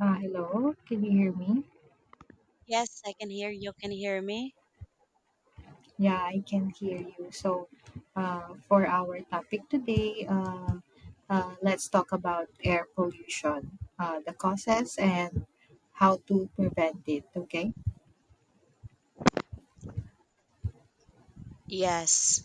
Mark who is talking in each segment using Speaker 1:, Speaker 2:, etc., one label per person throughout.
Speaker 1: Hello, can you hear me?
Speaker 2: Yes, I can hear you. Can hear me?
Speaker 1: Yeah, I can hear you. So, for our topic today, let's talk about air pollution, the causes, and how to prevent it. Okay.
Speaker 2: Yes.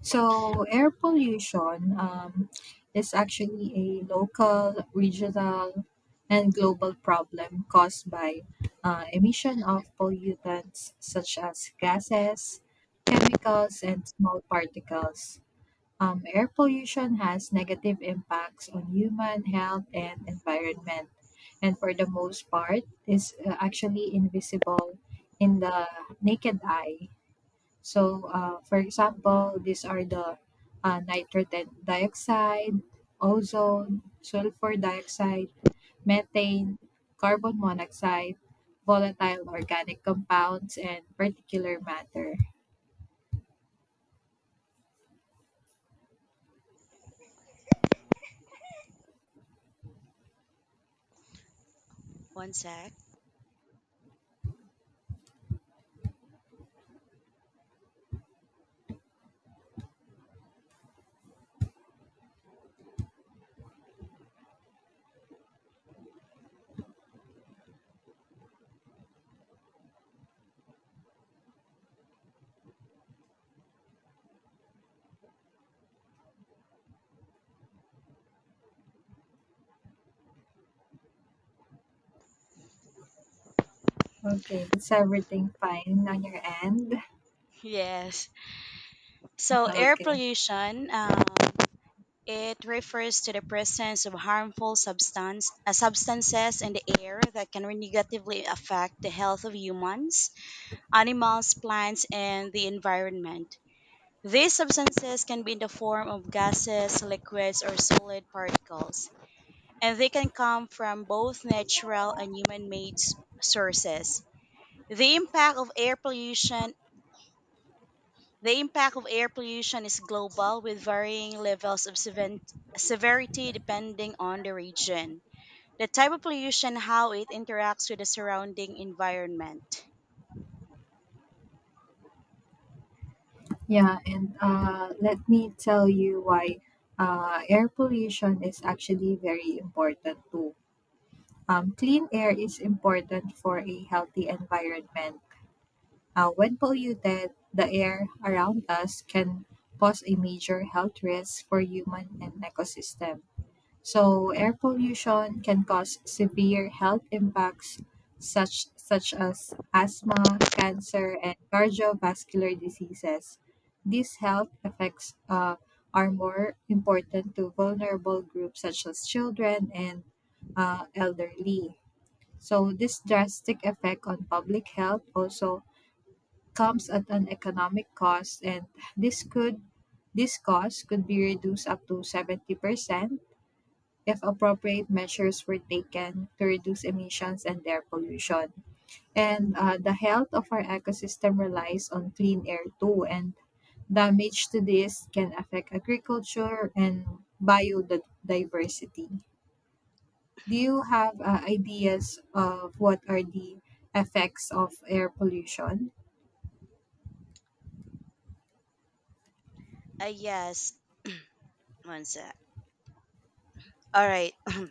Speaker 1: So, air pollution is actually a local, regional, and global problem caused by emission of pollutants such as gases, chemicals, and small particles. Air pollution has negative impacts on human health and environment, and for the most part, is actually invisible in the naked eye. So, for example, these are the nitrogen dioxide, ozone, sulfur dioxide, methane, carbon monoxide, volatile organic compounds, and particular matter.
Speaker 2: One sec.
Speaker 1: Okay, it's everything fine on your end?
Speaker 2: Yes. So air
Speaker 1: Okay.
Speaker 2: pollution, it refers to the presence of harmful substances in the air that can negatively affect the health of humans, animals, plants, and the environment. These substances can be in the form of gases, liquids, or solid particles, and they can come from both natural and human-made sources. The impact of air pollution the impact of air pollution is global with varying levels of severity depending on the region, the type of pollution, how it interacts with the surrounding environment.
Speaker 1: Yeah, and let me tell you why air pollution is actually very important too. Clean air is important for a healthy environment. When polluted, the air around us can pose a major health risk for human and ecosystem. So air pollution can cause severe health impacts such as asthma, cancer, and cardiovascular diseases. These health effects are more important to vulnerable groups such as children and elderly. So this drastic effect on public health also comes at an economic cost, and this could this cost could be reduced up to 70% if appropriate measures were taken to reduce emissions and air pollution. And the health of our ecosystem relies on clean air too, and damage to this can affect agriculture and biodiversity. Do you have ideas of what are the effects of air pollution?
Speaker 2: Yes, one sec. All right.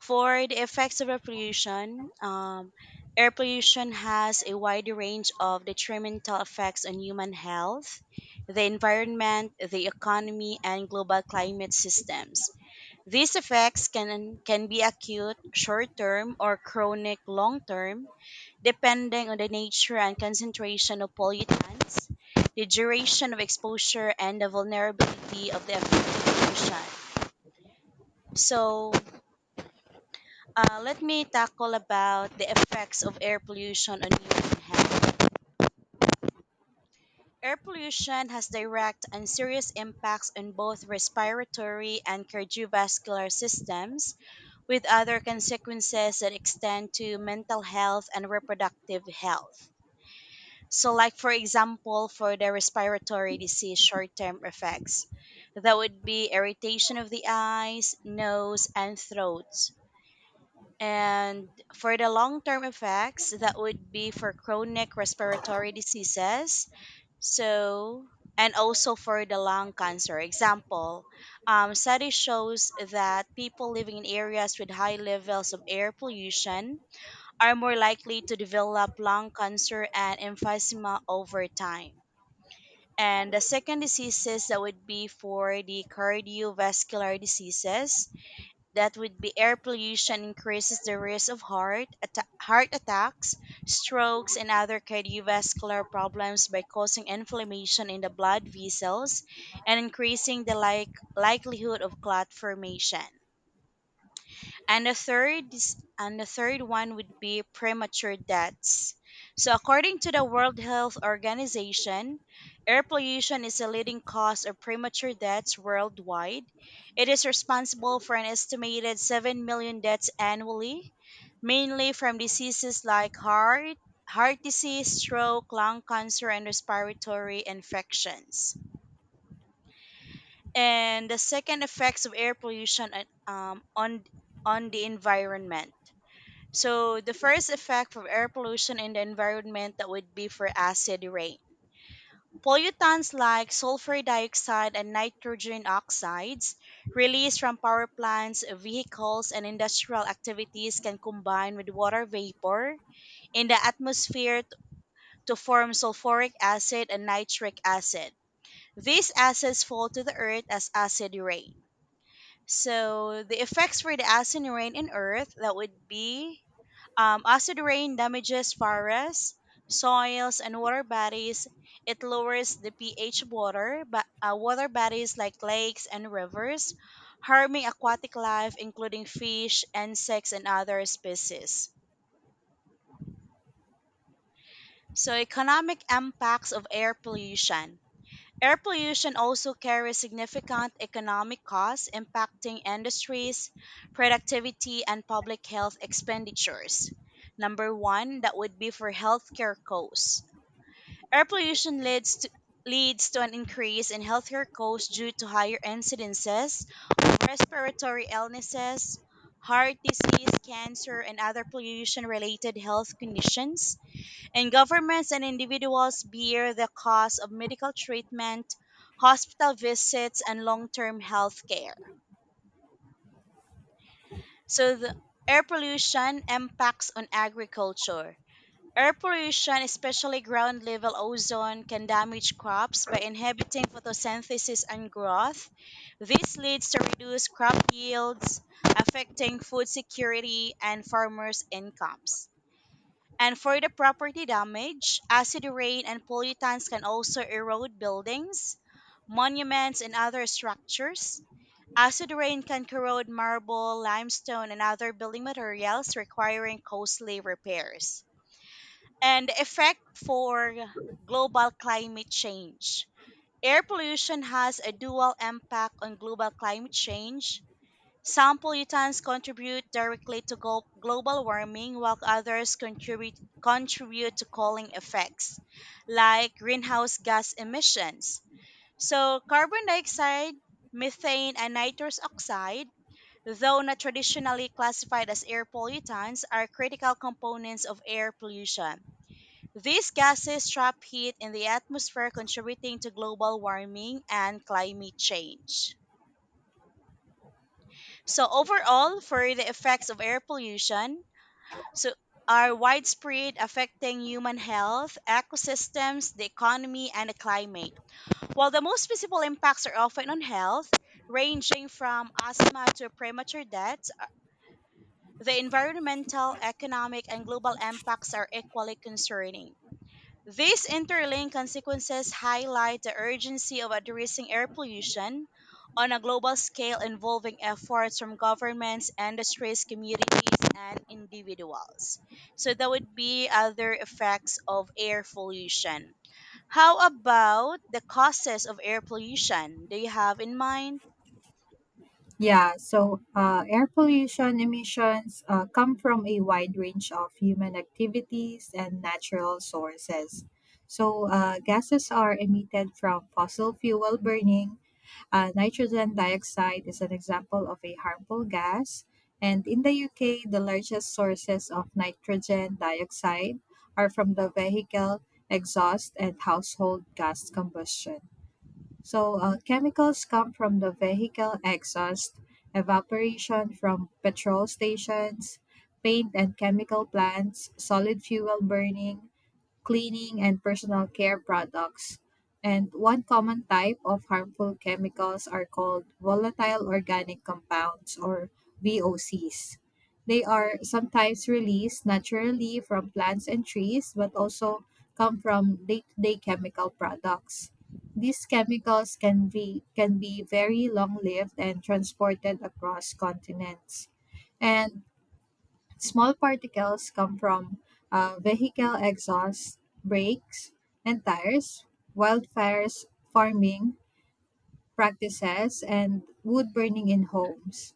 Speaker 2: For the effects of air pollution has a wide range of detrimental effects on human health, the environment, the economy, and global climate systems. These effects can be acute, short-term, or chronic long-term, depending on the nature and concentration of pollutants, the duration of exposure, and the vulnerability of the affected pollution. So, let me tackle about the effects of air pollution on human health. Air pollution has direct and serious impacts on both respiratory and cardiovascular systems, with other consequences that extend to mental health and reproductive health. So, like for example, for the respiratory disease short term effects, that would be irritation of the eyes, nose, and throat. And for the long term effects, that would be for chronic respiratory diseases, so, and also for the lung cancer. Example, study shows that people living in areas with high levels of air pollution are more likely to develop lung cancer and emphysema over time. And the second diseases that would be for the cardiovascular diseases, that would be air pollution increases the risk of heart attacks, strokes, and other cardiovascular problems by causing inflammation in the blood vessels and increasing the likelihood of clot formation and and the third one would be premature deaths. So according to the World Health Organization, air pollution is the leading cause of premature deaths worldwide. It is responsible for an estimated 7 million deaths annually, mainly from diseases like heart disease, stroke, lung cancer and respiratory infections. And the second effects of air pollution on the environment. So the first effect of air pollution in the environment that would be for acid rain. Pollutants like sulfur dioxide and nitrogen oxides released from power plants, vehicles, and industrial activities can combine with water vapor in the atmosphere to form sulfuric acid and nitric acid. These acids fall to the earth as acid rain. So the effects for the acid rain in Earth that would be acid rain damages forests, soils, and water bodies. It lowers the pH of water, but water bodies like lakes and rivers, harming aquatic life including fish, insects, and other species. So economic impacts of air pollution. Air pollution also carries significant economic costs impacting industries, productivity, and public health expenditures. Number one, that would be for healthcare costs. Air pollution leads to leads to an increase in healthcare costs due to higher incidences of respiratory illnesses, heart disease, cancer, and other pollution related health conditions and governments and individuals bear the cost of medical treatment, hospital visits, and long term health care. So, the air pollution impacts on agriculture. Air pollution, especially ground level ozone, can damage crops by inhibiting photosynthesis and growth. This leads to reduced crop yields, affecting food security and farmers' incomes. And for the property damage, acid rain and pollutants can also erode buildings, monuments, and other structures. Acid rain can corrode marble, limestone, and other building materials, requiring costly repairs. And the effect for global climate change. Air pollution has a dual impact on global climate change some pollutants contribute directly to global warming, while others contribute to cooling effects, like greenhouse gas emissions. So, carbon dioxide, methane, and nitrous oxide, though not traditionally classified as air pollutants, are critical components of air pollution. These gases trap heat in the atmosphere, contributing to global warming and climate change. So overall, for the effects of air pollution, so are widespread affecting human health, ecosystems, the economy, and the climate. While the most visible impacts are often on health, ranging from asthma to premature deaths, the environmental, economic, and global impacts are equally concerning. These interlinked consequences highlight the urgency of addressing air pollution on a global scale involving efforts from governments, industries, communities, and individuals. So, that would be other effects of air pollution. How about the causes of air pollution? Do you have in mind?
Speaker 1: Yeah, so air pollution emissions come from a wide range of human activities and natural sources. So, gases are emitted from fossil fuel burning. Nitrogen dioxide is an example of a harmful gas. And in the UK, the largest sources of nitrogen dioxide are from the vehicle exhaust and household gas combustion. So, chemicals come from the vehicle exhaust, evaporation from petrol stations, paint and chemical plants, solid fuel burning, cleaning, and personal care products. And one common type of harmful chemicals are called volatile organic compounds or VOCs. They are sometimes released naturally from plants and trees, but also come from day to day chemical products. These chemicals can be very long lived and transported across continents. And small particles come from vehicle exhaust, brakes, and tires, wildfires, farming, practices, and wood burning in homes.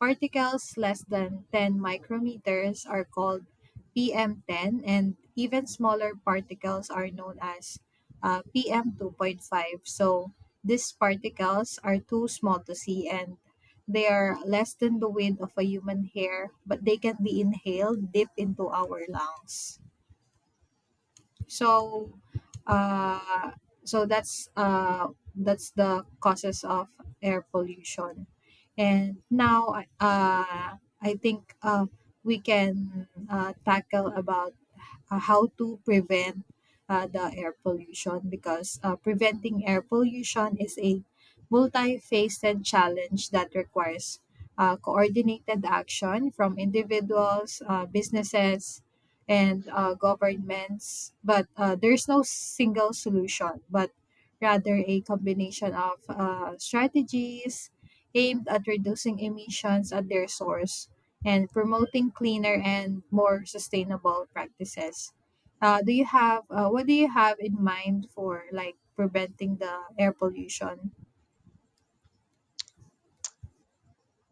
Speaker 1: Particles less than 10 micrometers are called PM10, and even smaller particles are known as PM2.5. So these particles are too small to see and they are less than the width of a human hair, but they can be inhaled deep into our lungs. So, uh, so that's uh, that's the causes of air pollution. And now, uh, I think we can tackle about how to prevent the air pollution because preventing air pollution is a multifaceted challenge that requires coordinated action from individuals, businesses, and governments. But there's no single solution, but rather a combination of strategies aimed at reducing emissions at their source and promoting cleaner and more sustainable practices. Do you have What do you have in mind for like preventing the air pollution?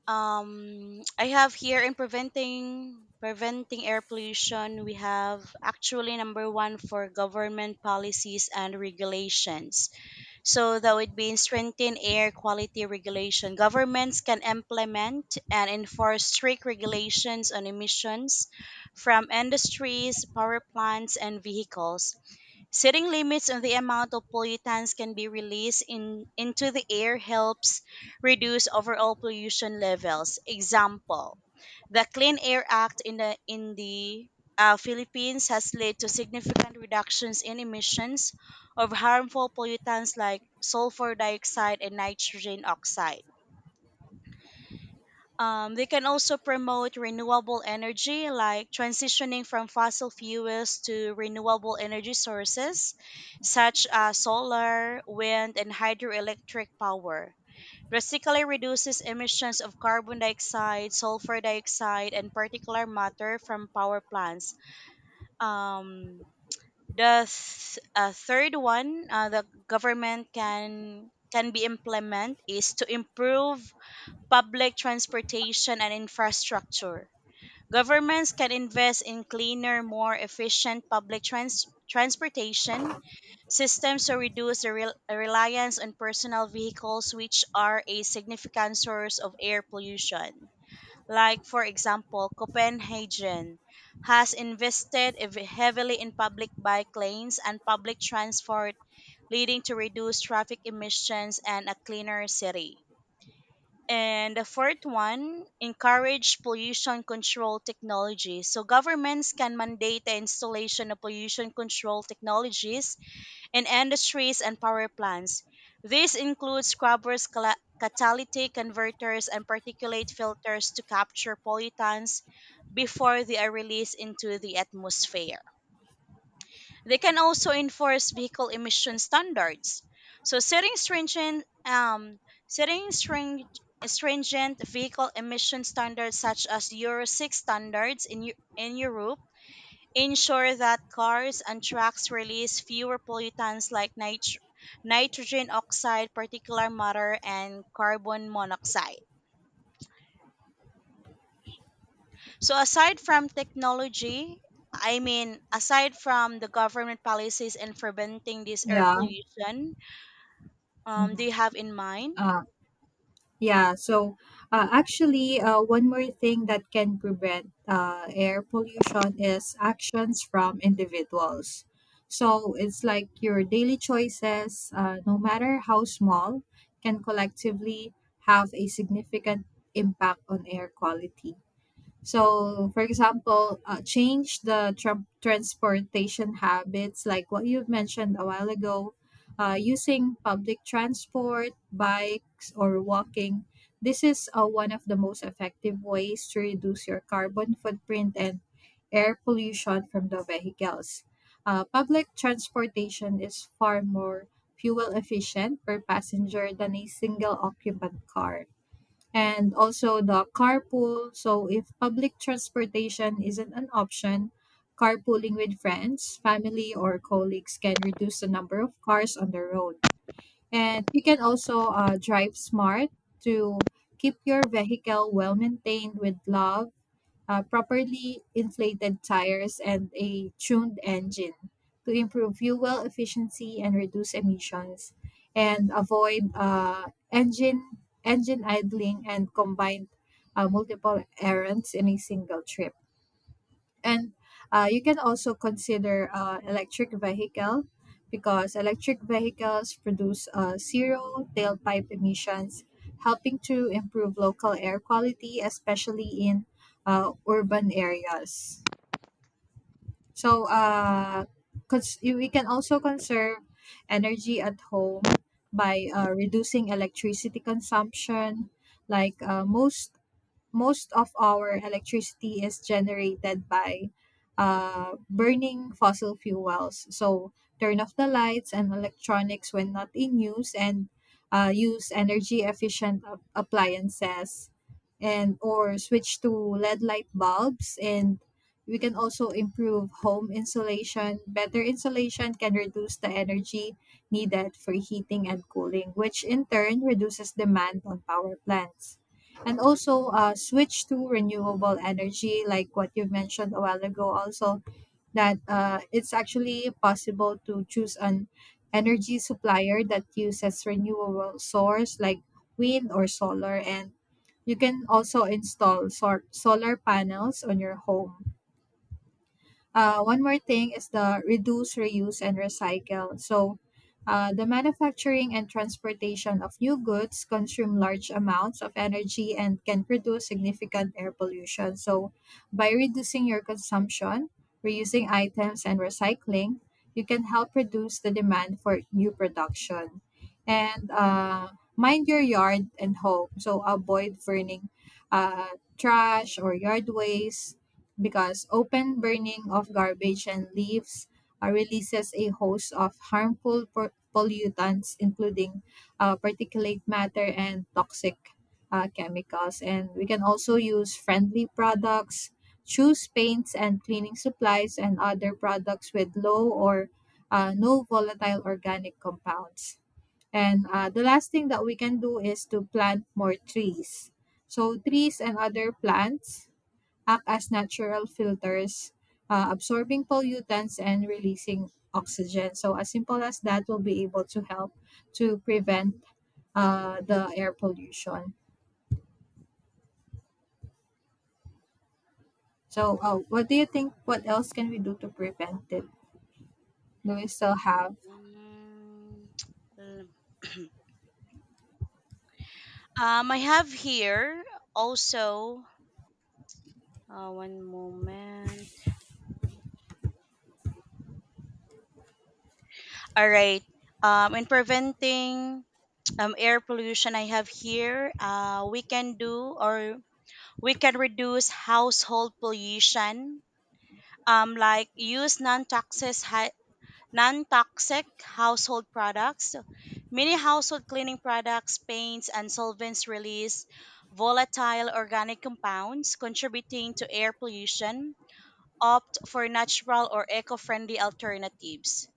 Speaker 2: I have here in preventing air pollution we have actually number one for government policies and regulations so that would be strengthen air quality regulation governments can implement and enforce strict regulations on emissions from industries power plants and vehicles. Setting limits on the amount of pollutants can be into the air helps reduce overall pollution levels. Example, the Clean Air Act in the Philippines has led to significant reductions in emissions of harmful pollutants like sulfur dioxide and nitrogen oxide. They can also promote renewable energy, like transitioning from fossil fuels to renewable energy sources, such as solar, wind, and hydroelectric power. Drastically reduces emissions of carbon dioxide, sulfur dioxide, and particulate matter from power plants. Um, the third one, the government can be implement is to improve public transportation and infrastructure. Governments can invest in cleaner, more efficient transportation systems to reduce the reliance on personal vehicles, which are a significant source of air pollution. Like, for example, Copenhagen has invested heavily in public bike lanes and public transport, leading to reduced traffic emissions and a cleaner city. And the fourth one, encourage pollution control technologies. So governments can mandate the installation of pollution control technologies in industries and power plants. This includes scrubbers, catalytic converters, and particulate filters to capture pollutants before they are released into the atmosphere. They can also enforce vehicle emission standards. So setting stringent vehicle emission standards such as Euro 6 standards in Europe ensure that cars and trucks release fewer pollutants like nitrogen oxide, particulate matter and carbon monoxide. So aside from technology, I mean aside from the government policies and preventing this air
Speaker 1: Yeah.
Speaker 2: pollution,
Speaker 1: hmm
Speaker 2: do you have in mind?
Speaker 1: Uh, yeah. So actually, one more thing that can prevent air pollution is actions from individuals. So it's like your daily choices, no matter how small, can collectively have a significant impact on air quality. So, for example, change the transportation habits, like what you've mentioned a while ago, using public transport, bikes, or walking. This is one of the most effective ways to reduce your carbon footprint and air pollution from the vehicles. Public transportation is far more fuel efficient per passenger than a single occupant car, and also the carpool. So if public transportation isn't an option, carpooling with friends, family, or colleagues can reduce the number of cars on the road. And you can also drive smart to keep your vehicle well maintained with love, properly inflated tires, and a tuned engine to improve fuel efficiency and reduce emissions, and avoid engine engine idling and combined multiple errands in a single trip. And you can also consider electric vehicle because electric vehicles produce zero tailpipe emissions, helping to improve local air quality, especially in urban areas. So we can also conserve energy at home by reducing electricity consumption. Like most of our electricity is generated by burning fossil fuels. So turn off the lights and electronics when not in use, and use energy efficient appliances, and or switch to LED light bulbs. And we can also improve home insulation. Better insulation can reduce the energy needed for heating and cooling, which in turn reduces demand on power plants, and also switch to renewable energy like what you mentioned a while ago. Also, that it's actually possible to choose an energy supplier that uses renewable source like wind or solar, and you can also install solar panels on your home. One more thing is the reduce, reuse, and recycle. So, the manufacturing and transportation of new goods consume large amounts of energy and can produce significant air pollution. So, by reducing your consumption, reusing items, and recycling, you can help reduce the demand for new production. And mind your yard and home. So, avoid burning uh, trash or yard waste because open burning of garbage and leaves releases a host of harmful pollutants, including particulate matter and toxic chemicals. And we can also use friendly products, choose paints and cleaning supplies, and other products with low or no volatile organic compounds. And the last thing that we can do is to plant more trees. So, trees and other plants act as natural filters, absorbing pollutants and releasing oxygen. So, as simple as that, will be able to help to prevent the air pollution. So, what do you think? What else can we do to prevent it? Do we still have?
Speaker 2: Mm, I have here also one moment. All right. In preventing air pollution, I have here we can do or we can reduce household pollution. Like use non-toxic household products, many household cleaning products, paints and solvents release volatile organic compounds contributing to air pollution. Opt for natural or eco-friendly alternatives.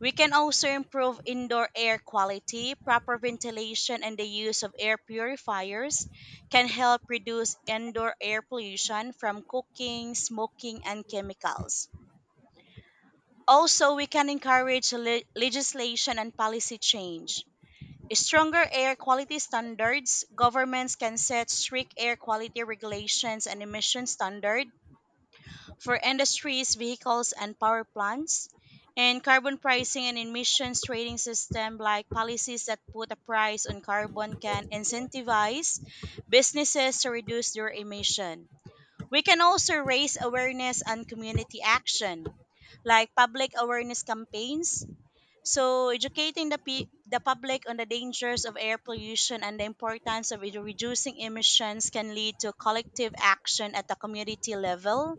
Speaker 2: We can also improve indoor air quality, proper ventilation and the use of air purifiers can help reduce indoor air pollution from cooking, smoking and chemicals. Also, we can encourage legislation and policy change. Stronger air quality standards. Governments can set strict air quality regulations and emission standards for industries, vehicles, and power plants. And carbon pricing and emissions trading system, like policies that put a price on carbon, can incentivize businesses to reduce their emission. We can also raise awareness and community action, like public awareness campaigns. So, educating the public on the dangers of air pollution and the importance of reducing emissions can lead to collective action at the community level.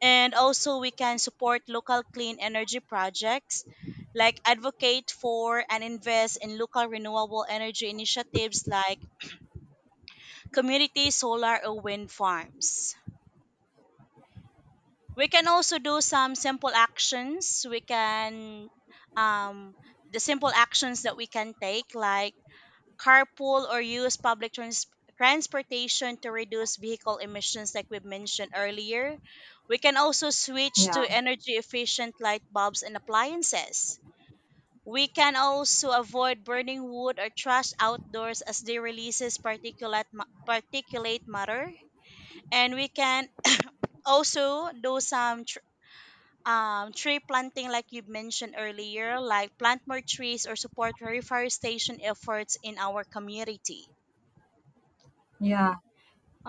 Speaker 2: And also, we can support local clean energy projects, like advocate for and invest in local renewable energy initiatives like community solar or wind farms. We can also do some simple actions we can um, the simple actions that we can take like carpool or use transportation to reduce vehicle emissions like we've mentioned earlier. We can also switch
Speaker 1: Yeah,
Speaker 2: to energy efficient light bulbs and appliances. We can also avoid burning wood or trash outdoors as they releases particulate matter and we can also do some tree planting, like you mentioned earlier, like plant more trees or support reforestation efforts in our community.
Speaker 1: yeah.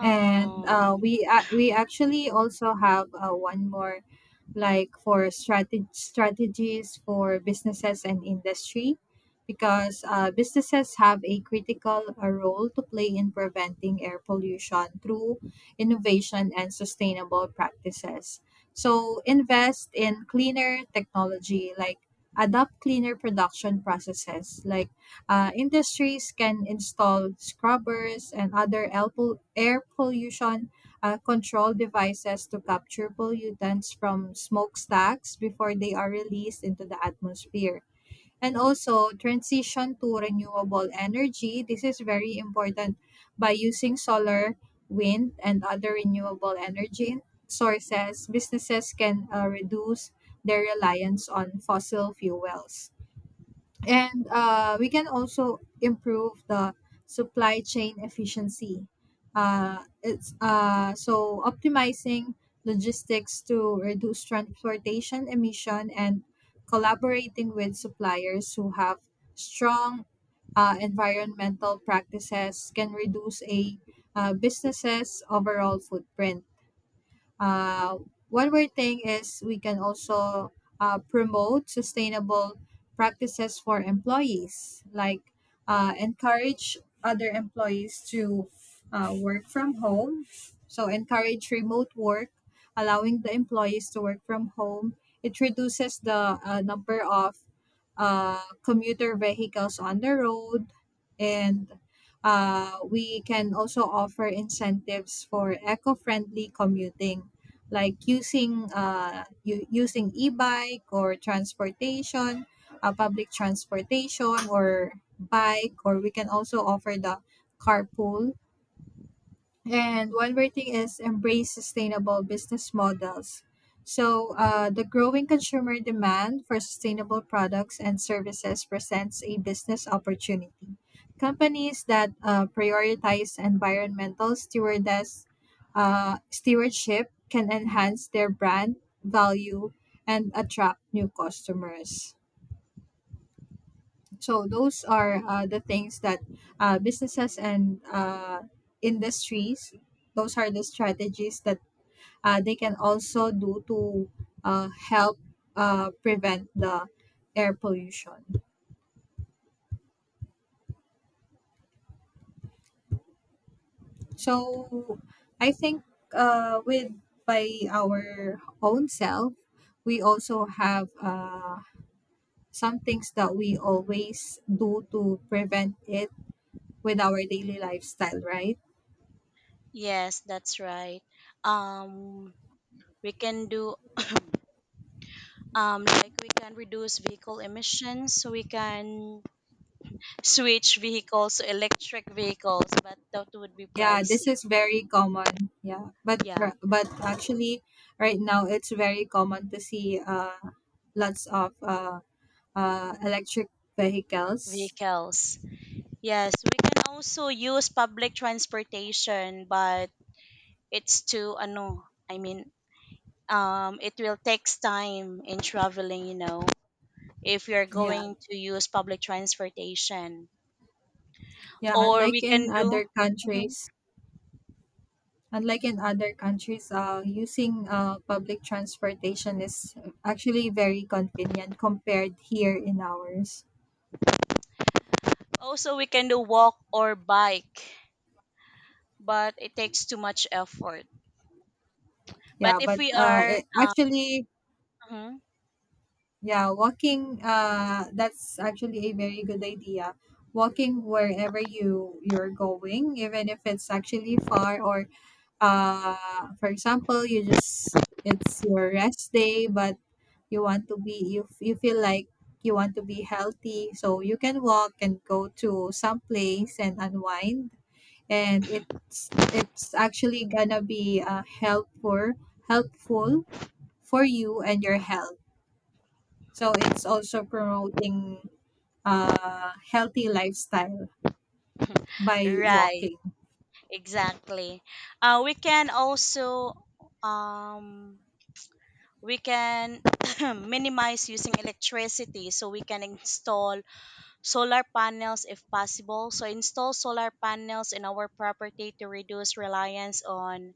Speaker 1: And we actually also have one more like for strategies for businesses and industry because businesses have a critical role to play in preventing air pollution through innovation and sustainable practices. So invest in cleaner technology, like adopt cleaner production processes, like industries can install scrubbers and other air pollution control devices to capture pollutants from smokestacks before they are released into the atmosphere. And also, transition to renewable energy. This is very important. By using solar, wind, and other renewable energy sources, businesses can reduce their reliance on fossil fuels. And we can also improve the supply chain efficiency. It's So optimizing logistics to reduce transportation emission and collaborating with suppliers who have strong environmental practices can reduce a business's overall footprint. uh, One more thing is we can also promote sustainable practices for employees, like encourage other employees to work from home. So, encourage remote work, allowing the employees to work from home. It reduces the number of commuter vehicles on the road. And we can also offer incentives for eco-friendly commuting, like using e-bike or transportation, public transportation or bike, or we can also offer the carpool. And one more thing is embrace sustainable business models. So, the growing consumer demand for sustainable products and services presents a business opportunity. Companies that prioritize environmental stewardship can enhance their brand value and attract new customers. So those are the things that businesses and industries. Those are the strategies that they can also do to help prevent the air pollution. So I think with by our own self, we also have some things that we always do to prevent it with our daily lifestyle, right?
Speaker 2: yes, that's right. Um, we can do like we can reduce vehicle emissions. So we can switch vehicles to electric vehicles, but that would be
Speaker 1: Yeah, this
Speaker 2: pricey.
Speaker 1: is very common. Yeah,
Speaker 2: Yeah,
Speaker 1: but actually, right now it's very common to see lots of electric vehicles.
Speaker 2: vehicles. Yes, we can also use public transportation, but it's too ano. I mean, it will takes time in traveling, you know, if you're
Speaker 1: Yeah,
Speaker 2: going to use public transportation.
Speaker 1: yeah.
Speaker 2: Or we can do, mhm,
Speaker 1: Unlike in other countries, using public transportation is actually very convenient compared here in ours.
Speaker 2: also we can do walk or bike, but it takes too much effort. But
Speaker 1: Yeah,
Speaker 2: if
Speaker 1: but
Speaker 2: we are,
Speaker 1: it actually.
Speaker 2: mhm,
Speaker 1: Yeah, walking that's actually a very good idea. Walking wherever you're going, even if it's actually far. Or for example, you just it's your rest day but you feel like you want to be healthy, so you can walk and go to some place and unwind. And it's actually gonna be helpful for you and your health. So it's also promoting a healthy lifestyle by
Speaker 2: right,
Speaker 1: walking.
Speaker 2: exactly. We can also, um, we can minimize using electricity so we can install solar panels if possible. So install solar panels in our property to reduce reliance on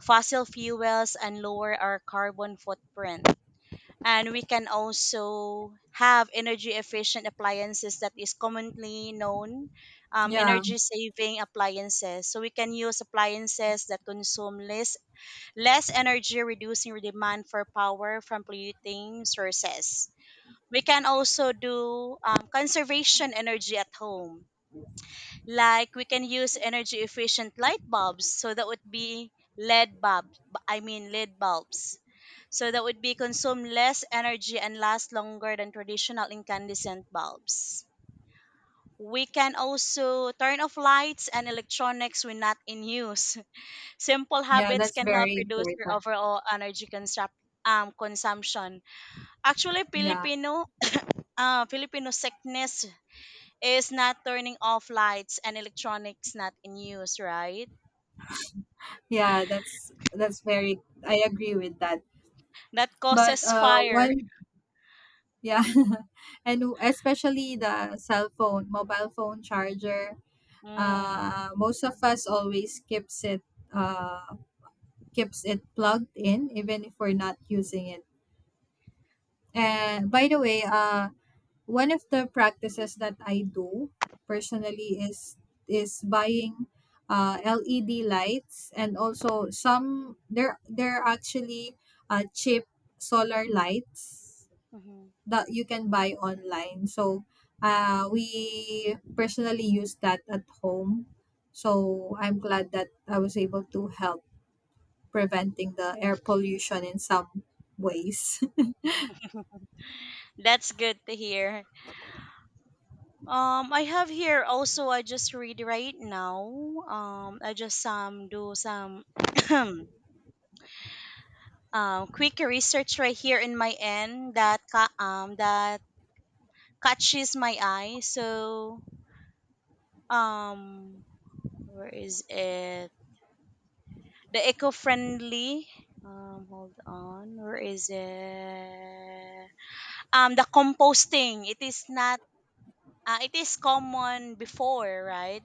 Speaker 2: fossil fuels and lower our carbon footprint. And we can also have energy efficient appliances that is commonly known
Speaker 1: Yeah.
Speaker 2: energy saving appliances. So we can use appliances that consume less energy, reducing demand for power from polluting sources. We can also do conservation energy at home. Like we can use energy efficient light bulbs, so that would be LED bulbs. I mean LED bulbs. So that would be consume less energy and last longer than traditional incandescent bulbs. We can also turn off lights and electronics when not in use. Simple
Speaker 1: Yeah,
Speaker 2: habits
Speaker 1: that's
Speaker 2: can help
Speaker 1: very
Speaker 2: reduce your
Speaker 1: important.
Speaker 2: overall consumption. Actually,
Speaker 1: Yeah.
Speaker 2: Filipino sickness is not turning off lights and electronics not in use, right?
Speaker 1: Yeah, that's very I agree with that.
Speaker 2: That
Speaker 1: But
Speaker 2: causes fire.
Speaker 1: one Yeah. And especially the cell phone, mobile phone charger,
Speaker 2: Mm.
Speaker 1: most of us always uh keeps it plugged in even if we're not using it. And by the way, one of the practices that I do personally is buying LED lights. And also some, there are actually cheap solar lights
Speaker 2: Mhm.
Speaker 1: that you can buy online. So we personally use that at home. So I'm glad that I was able to help preventing the air pollution in some ways.
Speaker 2: That's good to hear. I have here also. I just read right now. I just do some quick research right here in my end that catches my eye. So um, where is it? The eco-friendly hold on where is it, the composting, it is not it is common before, right?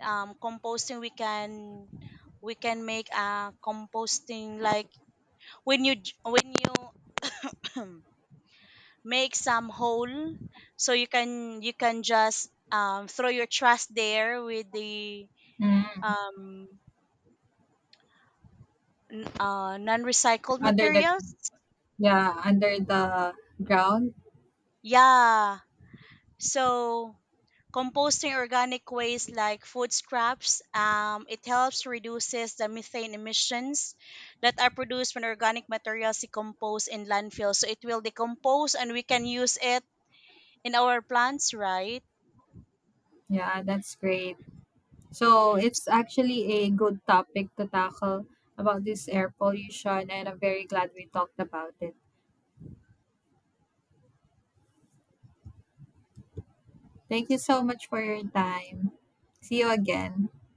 Speaker 2: composting, we can make a composting like when you make some hole so you can just throw your trash there with the
Speaker 1: Mm.
Speaker 2: um non-recycled
Speaker 1: Under the
Speaker 2: materials,
Speaker 1: Yeah, under the ground.
Speaker 2: yeah. So composting organic waste like food scraps, it helps reduces the methane emissions that are produced when organic materials decompose in landfill. So it will decompose and we can use it in our plants, right?
Speaker 1: Yeah, that's great. So it's actually a good topic to tackle about this air pollution, and I'm very glad we talked about it. Thank you so much for your time. See you again.